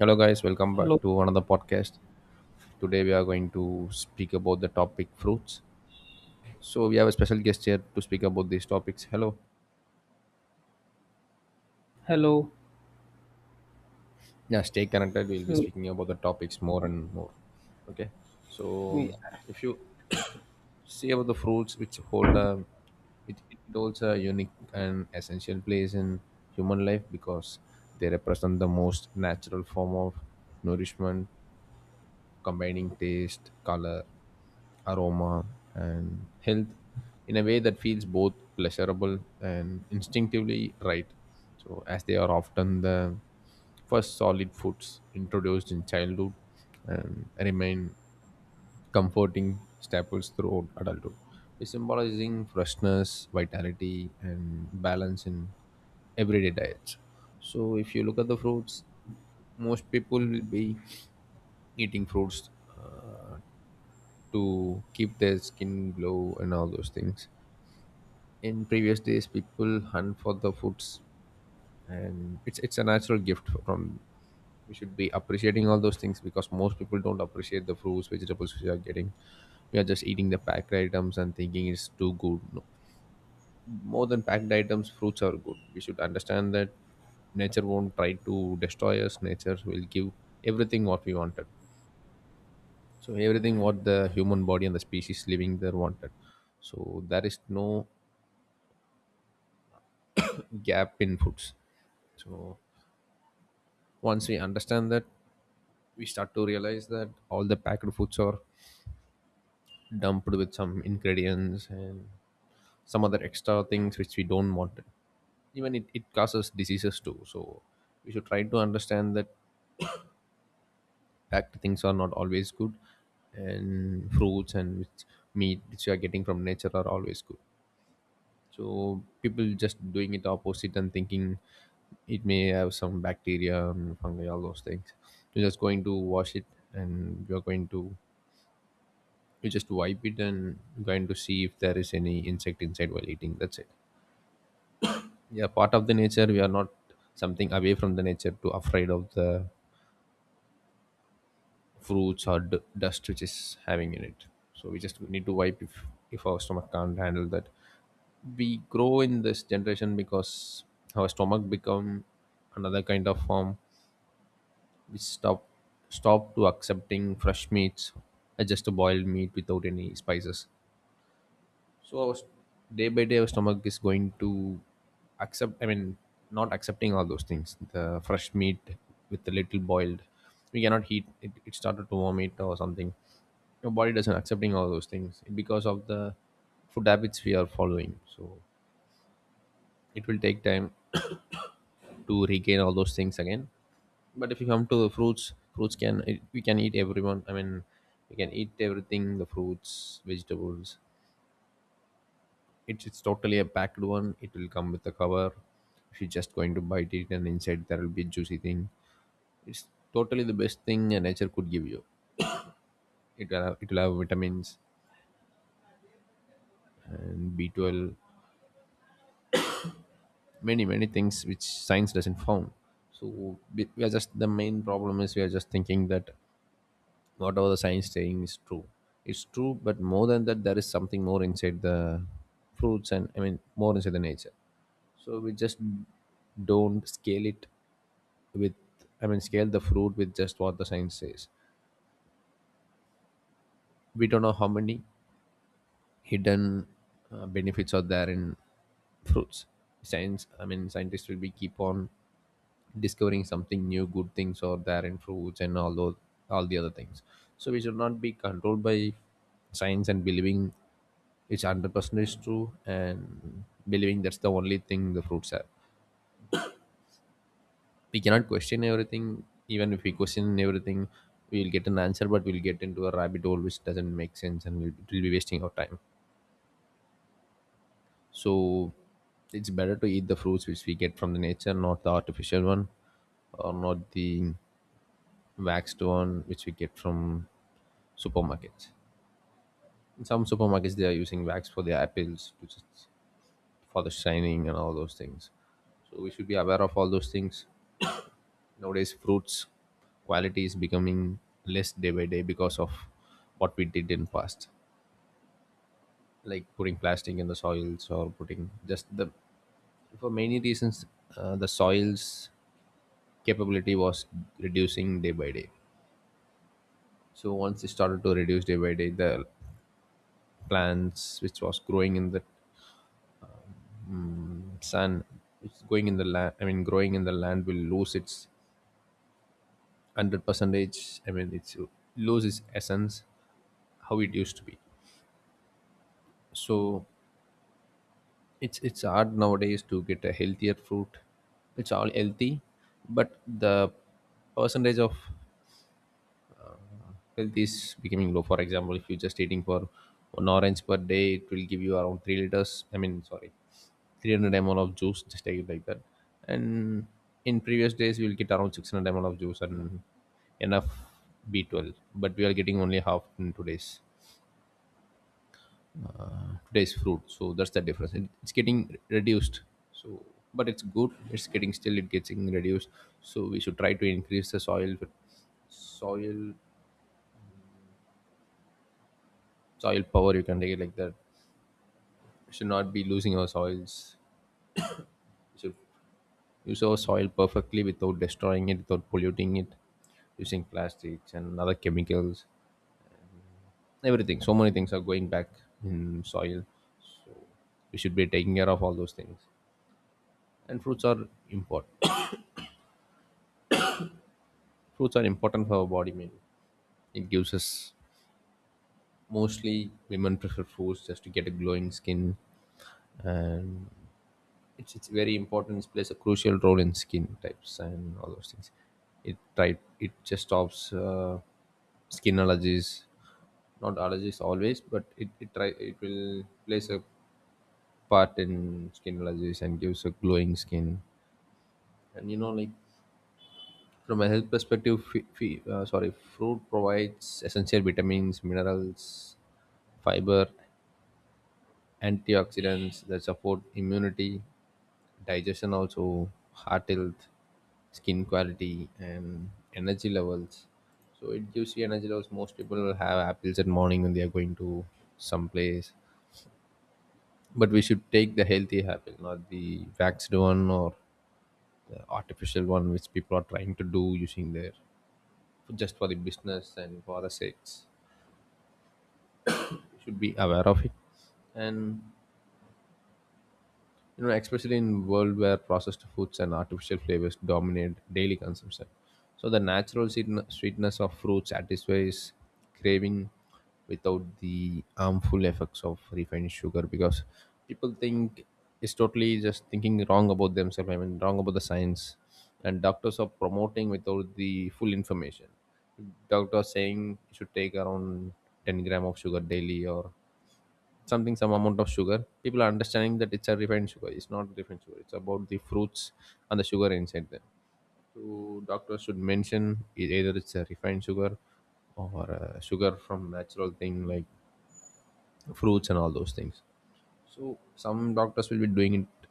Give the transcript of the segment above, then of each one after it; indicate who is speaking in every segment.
Speaker 1: Hello, guys. Welcome back
Speaker 2: Hello,
Speaker 1: to another podcast. Today, we are going to speak about the topic fruits. So, we have a special guest here to speak about these topics. Hello.
Speaker 2: hello.
Speaker 1: Yeah, stay connected. We'll be
Speaker 2: So,
Speaker 1: speaking about the topics more and more. Okay. So,
Speaker 2: yeah.
Speaker 1: if you see about the fruits which hold a, it holds a unique and essential place in human life because they represent the most natural form of nourishment, combining taste, color, aroma, and health in a way that feels both pleasurable and instinctively right. So, as they are often the first solid foods introduced in childhood and remain comforting staples throughout adulthood, symbolizing freshness, vitality, and balance in everyday diets. So, if you look at the fruits, most people will be eating fruits uh, to keep their skin glow and all those things. In previous days, people hunt for the fruits, and it's a natural gift from, we should be appreciating all those things because most people don't appreciate the fruits vegetables we are getting. We are just eating the packed items and thinking it's too good. No, more than packed items fruits are good. We should understand that nature won't try to destroy us. Nature will give everything what we wanted, so everything what the human body and the species living there wanted. So there is no gap in foods. So once we understand that, we start to realize that all the packed foods are dumped with some ingredients and some other extra things which we don't want. Even it causes diseases too, so we should try to understand that packed things are not always good, and fruits and which meat which you are getting from nature are always good. So people just doing it opposite and thinking it may have some bacteria and fungi, all those things. You're just going to wash it, and you're going to, you just wipe it, and you're going to see if there is any insect inside while eating, that's it. Yeah, part of the nature. We are not something away from the nature to afraid of the fruits or dust which is having in it. So we just need to wipe. If our stomach can't handle that, we grow in this generation because our stomach become another kind of form. We stop to accepting fresh meats, just a boiled meat without any spices. So I was, day by day, our stomach is going to accept. I mean, not accepting all those things. The fresh meat with a little boiled, we cannot eat. It started to vomit or something. Your body doesn't accepting all those things because of the food habits we are following. So it will take time to regain all those things again. But if you come to the fruits, fruits can it, we can eat everyone. I mean, we can eat everything: the fruits, vegetables. It's totally a packed one. It will come with a cover. She's just going to bite it, and inside there will be a juicy thing. It's totally the best thing a nature could give you. It will have vitamins and B B12, many many things which science doesn't found. So we are just, the main problem is we are just thinking that whatever the science saying is true. It's true, but more than that, there is something more inside the fruits, and I mean more inside the nature. So we just don't scale it with, I mean, scale the fruit with just what the science says. We don't know how many hidden benefits are there in fruits. Science, I mean, scientists will be keep on discovering something new, good things are there in fruits and all those, all the other things. So we should not be controlled by science and believing it's 100% is true and believing that's the only thing the fruits have. We cannot question everything. Even if we question everything, we'll get an answer, but we'll get into a rabbit hole which doesn't make sense, and it will be wasting our time. So it's better to eat the fruits which we get from the nature, not the artificial one, or not the waxed one which we get from supermarkets. In some supermarkets they are using wax for their apples, which is for the shining and all those things. So we should be aware of all those things. Nowadays, fruits quality is becoming less day by day because of what we did in past, like putting plastic in the soils or putting just the, for many reasons, the soils capability was reducing day by day. So once it started to reduce day by day, the plants which was growing in the sun, which is going in the land, I mean growing in the land will lose its hundred percentage. I mean it's lose its essence how it used to be. So it's hard nowadays to get a healthier fruit. It's all healthy, but the percentage of health is becoming low. For example, if you're just eating for one orange per day, it will give you around 3 liters, I mean sorry, 300 ml of juice, just take it like that. And in previous days we will get around 600 ml of juice and enough B12, but we are getting only half in today's today's fruit. So that's the difference. It's getting reduced. So, but it's good. It's getting still. It gets getting reduced. So we should try to increase the soil, soil, soil power. You can take it like that. We should not be losing our soils. We should use our soil perfectly without destroying it, without polluting it, using plastics and other chemicals. Everything. So many things are going back in soil. So we should be taking care of all those things. And fruits are important. Fruits are important for our body, man. It gives us, mostly women prefer fruits just to get a glowing skin, and it's very important. It plays a crucial role in skin types and all those things. It type, it just stops skin allergies, not allergies always, but it try it will plays a part in skin allergies and gives a glowing skin. And you know, like, from a health perspective, fruit provides essential vitamins, minerals, fiber, antioxidants that support immunity, digestion, also heart health, skin quality, and energy levels. So it gives you energy levels. Most people will have apples at morning when they are going to some place, but we should take the healthy apple, not the waxed one or the artificial one, which people are trying to do using their, just for the business and for the sales. You should be aware of it. And you know, especially in world where processed foods and artificial flavors dominate daily consumption, so the natural sweetness of fruit satisfies craving without the harmful effects of refined sugar. Because people think it's totally just thinking wrong about themselves, I mean wrong about the science, and doctors are promoting without the full information. Doctor saying you should take around 10 gram of sugar daily or something, some amount of sugar, people are understanding that it's a refined sugar. It's not refined sugar, it's about the fruits and the sugar inside them. So doctors should mention, either it's a refined sugar or sugar from natural thing like fruits and all those things. So some doctors will be doing it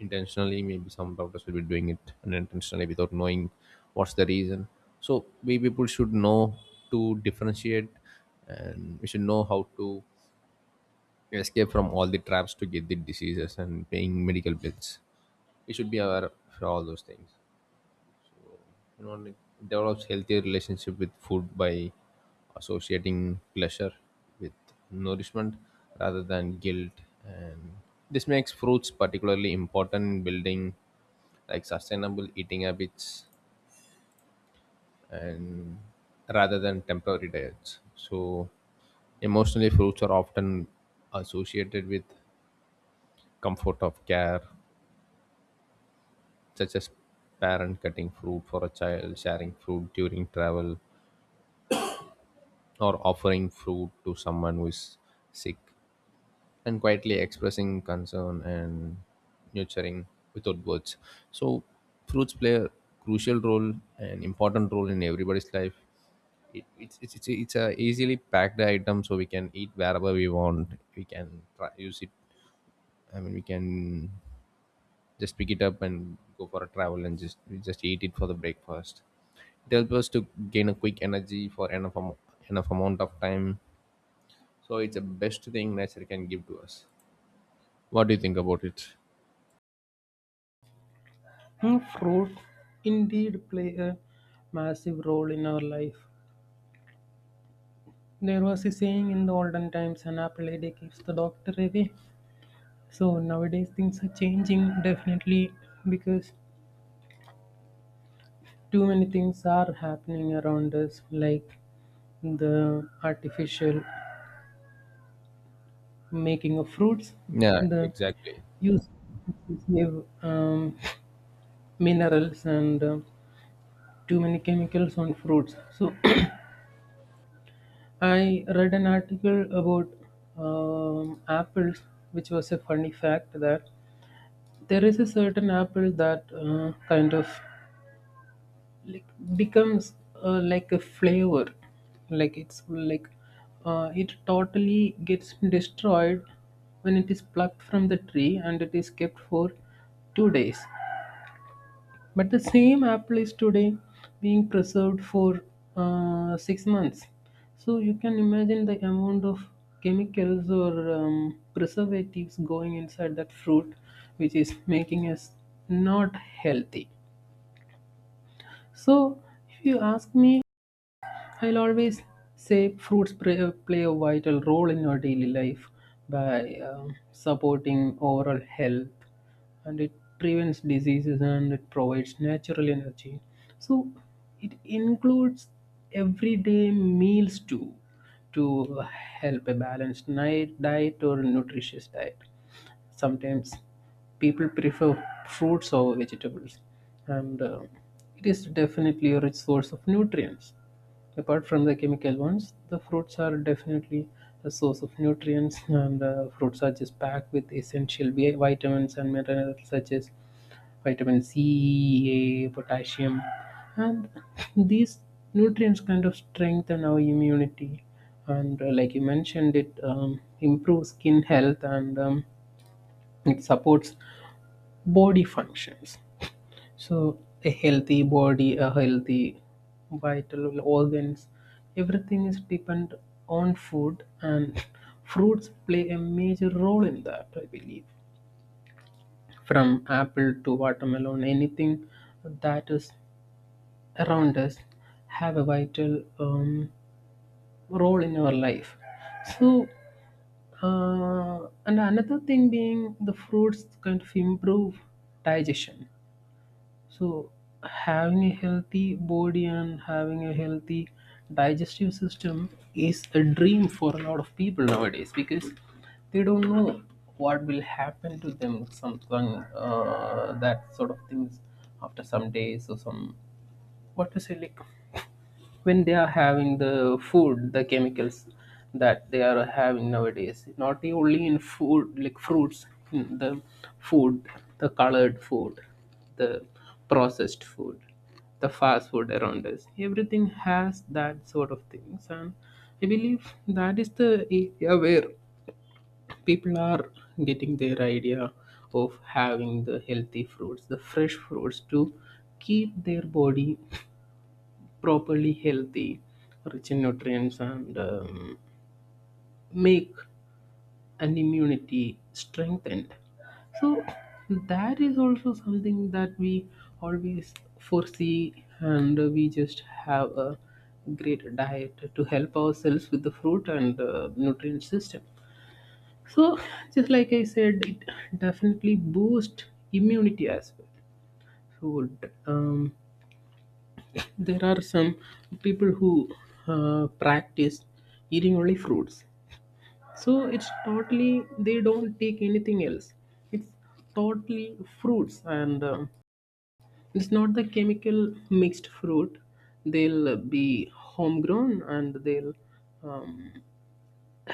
Speaker 1: intentionally, maybe some doctors will be doing it unintentionally without knowing what's the reason. So we people should know to differentiate, and we should know how to escape from all the traps to get the diseases and paying medical bills. We should be aware for all those things. You know, like, develops healthier relationship with food by associating pleasure with nourishment rather than guilt, and this makes fruits particularly important in building like sustainable eating habits and rather than temporary diets. So emotionally, fruits are often associated with comfort of care, such as parent cutting fruit for a child, sharing fruit during travel, or offering fruit to someone who is sick, and quietly expressing concern and nurturing without words. So, fruits play a crucial role, an important role in everybody's life. It, it's a easily packed item, so we can eat wherever we want. We can try, use it. I mean, we can just pick it up and go for a travel and just we just eat it for the breakfast. It helps us to gain a quick energy for enough amount of time. So it's the best thing nature can give to us. What do you think about it?
Speaker 2: Hmm, fruit indeed play a massive role in our life. There was a saying in the olden times, an apple a day keeps the doctor away. So nowadays things are changing definitely because too many things are happening around us, like the artificial making of fruits,
Speaker 1: Yeah,
Speaker 2: the
Speaker 1: exactly.
Speaker 2: use of excessive, minerals and too many chemicals on fruits. So I read an article about apples, which was a funny fact that there is a certain apple that kind of like becomes like a flavor, like it's like it totally gets destroyed when it is plucked from the tree and it is kept for 2 days. But the same apple is today being preserved for 6 months. So you can imagine the amount of chemicals or preservatives going inside that fruit, which is making us not healthy. So if you ask me, I'll always say fruits play a vital role in your daily life by supporting overall health, and it prevents diseases and it provides natural energy. So it includes everyday meals too, to help a balanced night diet or nutritious diet. Sometimes people prefer fruits over vegetables, and it is definitely a rich source of nutrients. Apart from the chemical ones, the fruits are definitely a source of nutrients, and fruits are just packed with essential vitamins and minerals such as vitamin C, E, a potassium, and these nutrients kind of strengthen our immunity, and like you mentioned it, improves skin health, and it supports body functions. So a healthy body, a healthy vital organs, everything is depend on food, and fruits play a major role in that, I believe. From apple to watermelon, anything that is around us have a vital role in our life. So and another thing being, the fruits kind of improve digestion. So, having a healthy body and having a healthy digestive system is a dream for a lot of people nowadays because they don't know what will happen to them, something that sort of things after some days or some, what to say, like when they are having the food, the chemicals that they are having nowadays, not only in food like fruits, in the food, the colored food, the processed food, the fast food around us, everything has that sort of things. And I believe that is the area where people are getting their idea of having the healthy fruits, the fresh fruits to keep their body properly healthy, rich in nutrients, and make an immunity strengthened. So that is also something that we always foresee, and we just have a great diet to help ourselves with the fruit and nutrient system. So just like I said, it definitely boosts immunity as well. So um, there are some people who practice eating only fruits, so it's totally they don't take anything else. It's totally fruits, and um, it's not the chemical mixed fruit. They'll be homegrown, and they'll um,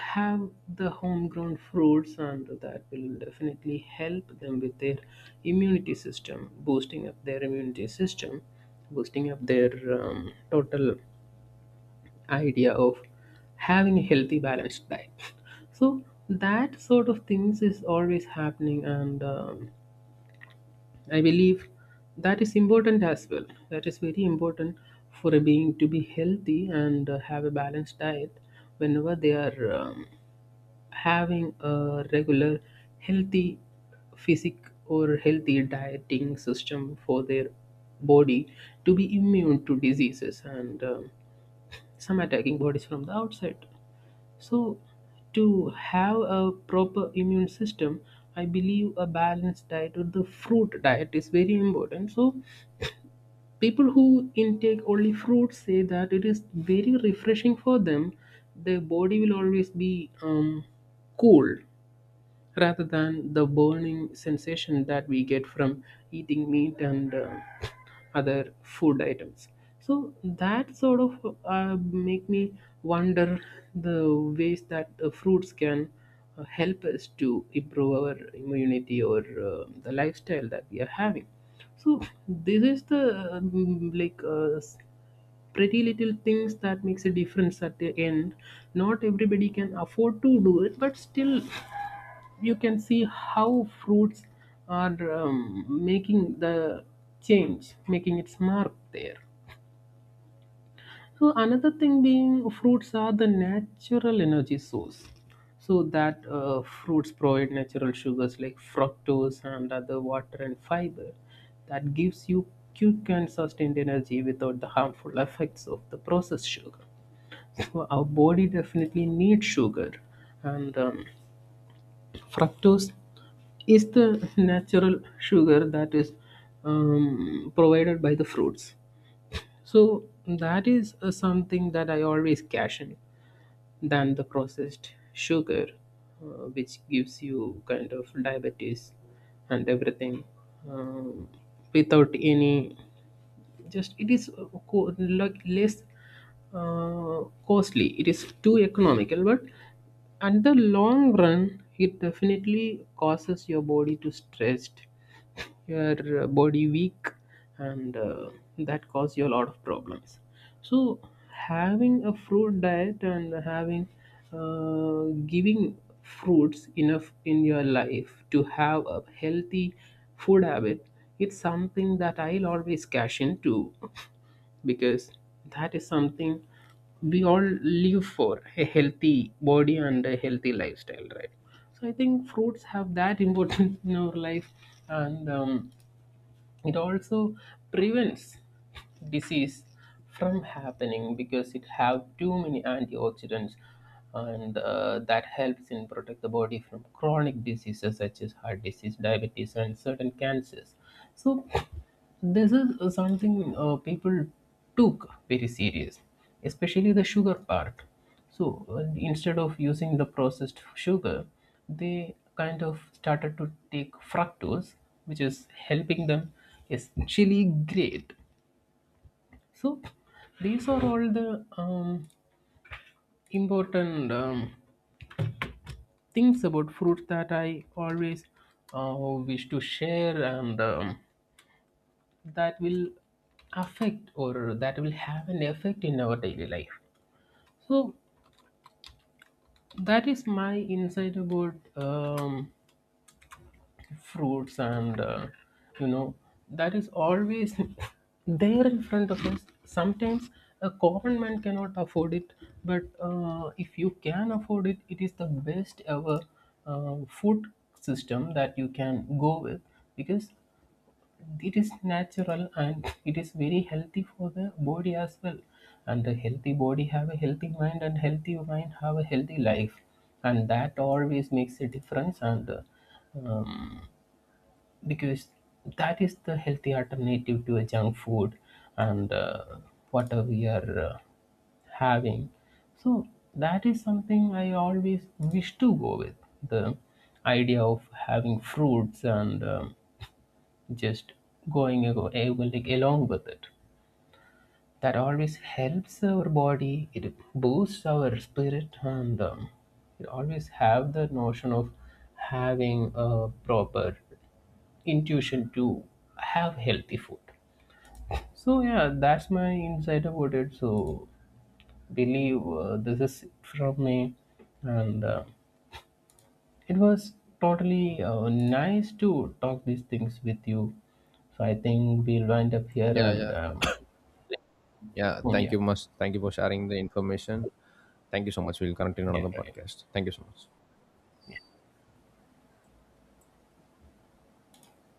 Speaker 2: have the homegrown fruits, and that will definitely help them with their immunity system, boosting up their immunity system, boosting up their total idea of having a healthy balanced diet. So that sort of things is always happening, and I believe that is important as well, that is very important for a being to be healthy and have a balanced diet whenever they are having a regular healthy physic or healthy dieting system for their body to be immune to diseases and some attacking bodies from the outside. So, to have a proper immune system, I believe a balanced diet or the fruit diet is very important. So, people who intake only fruits say that it is very refreshing for them. Their body will always be cool rather than the burning sensation that we get from eating meat and other food items. So that sort of make me wonder the ways that the fruits can help us to improve our immunity or the lifestyle that we are having. So this is the pretty little things that makes a difference at the end. Not everybody can afford to do it, but still you can see how fruits are making the change, making its mark there. So another thing being, fruits are the natural energy source. So that fruits provide natural sugars like fructose and other water and fiber that gives you quick and sustained energy without the harmful effects of the processed sugar. So our body definitely needs sugar, and fructose is the natural sugar that is provided by the fruits. So that is something that I always caution than the processed sugar, which gives you kind of diabetes and everything, um, without any, just it is like less uh, costly, it is too economical, but at the long run it definitely causes your body to stretched, your body weak, and that cause you a lot of problems. So having a fruit diet and having uh, giving fruits enough in your life to have a healthy food habit, it's something that I'll always cash into, because that is something, we all live for a healthy body and a healthy lifestyle, right? So I think fruits have that importance in our life, and it also prevents disease from happening because it have too many antioxidants, and that helps in protect the body from chronic diseases such as heart disease, diabetes, and certain cancers. So this is something, people took very serious, especially the sugar part. So instead of using the processed sugar, they kind of started to take fructose, which is helping them, is actually great. So these are all the important things about fruit that I always uh, wish to share, and that will affect or that will have an effect in our daily life. So that is my insight about fruits and you know, that is always there in front of us. Sometimes a common man cannot afford it, but if you can afford it, it is the best ever food system that you can go with, because it is natural, and it is very healthy for the body as well. And a healthy body have a healthy mind, and healthy mind have a healthy life, and that always makes a difference, and um, because that is the healthy alternative to a junk food and whatever we are having. So that is something I always wish to go with, the idea of having fruits, and just like along with it, that always helps our body, it boosts our spirit, and it always have the notion of having a proper intuition to have healthy food. So yeah, that's my insight about it. So believe this is from me, and it was totally nice to talk these things with you. So I think we'll wind up here,
Speaker 1: Yeah,
Speaker 2: and
Speaker 1: yeah, thank
Speaker 2: yeah,
Speaker 1: you much, thank you for sharing the information. Thank you so much. We'll continue on
Speaker 2: yeah,
Speaker 1: the
Speaker 2: right.
Speaker 1: podcast. Thank you so much.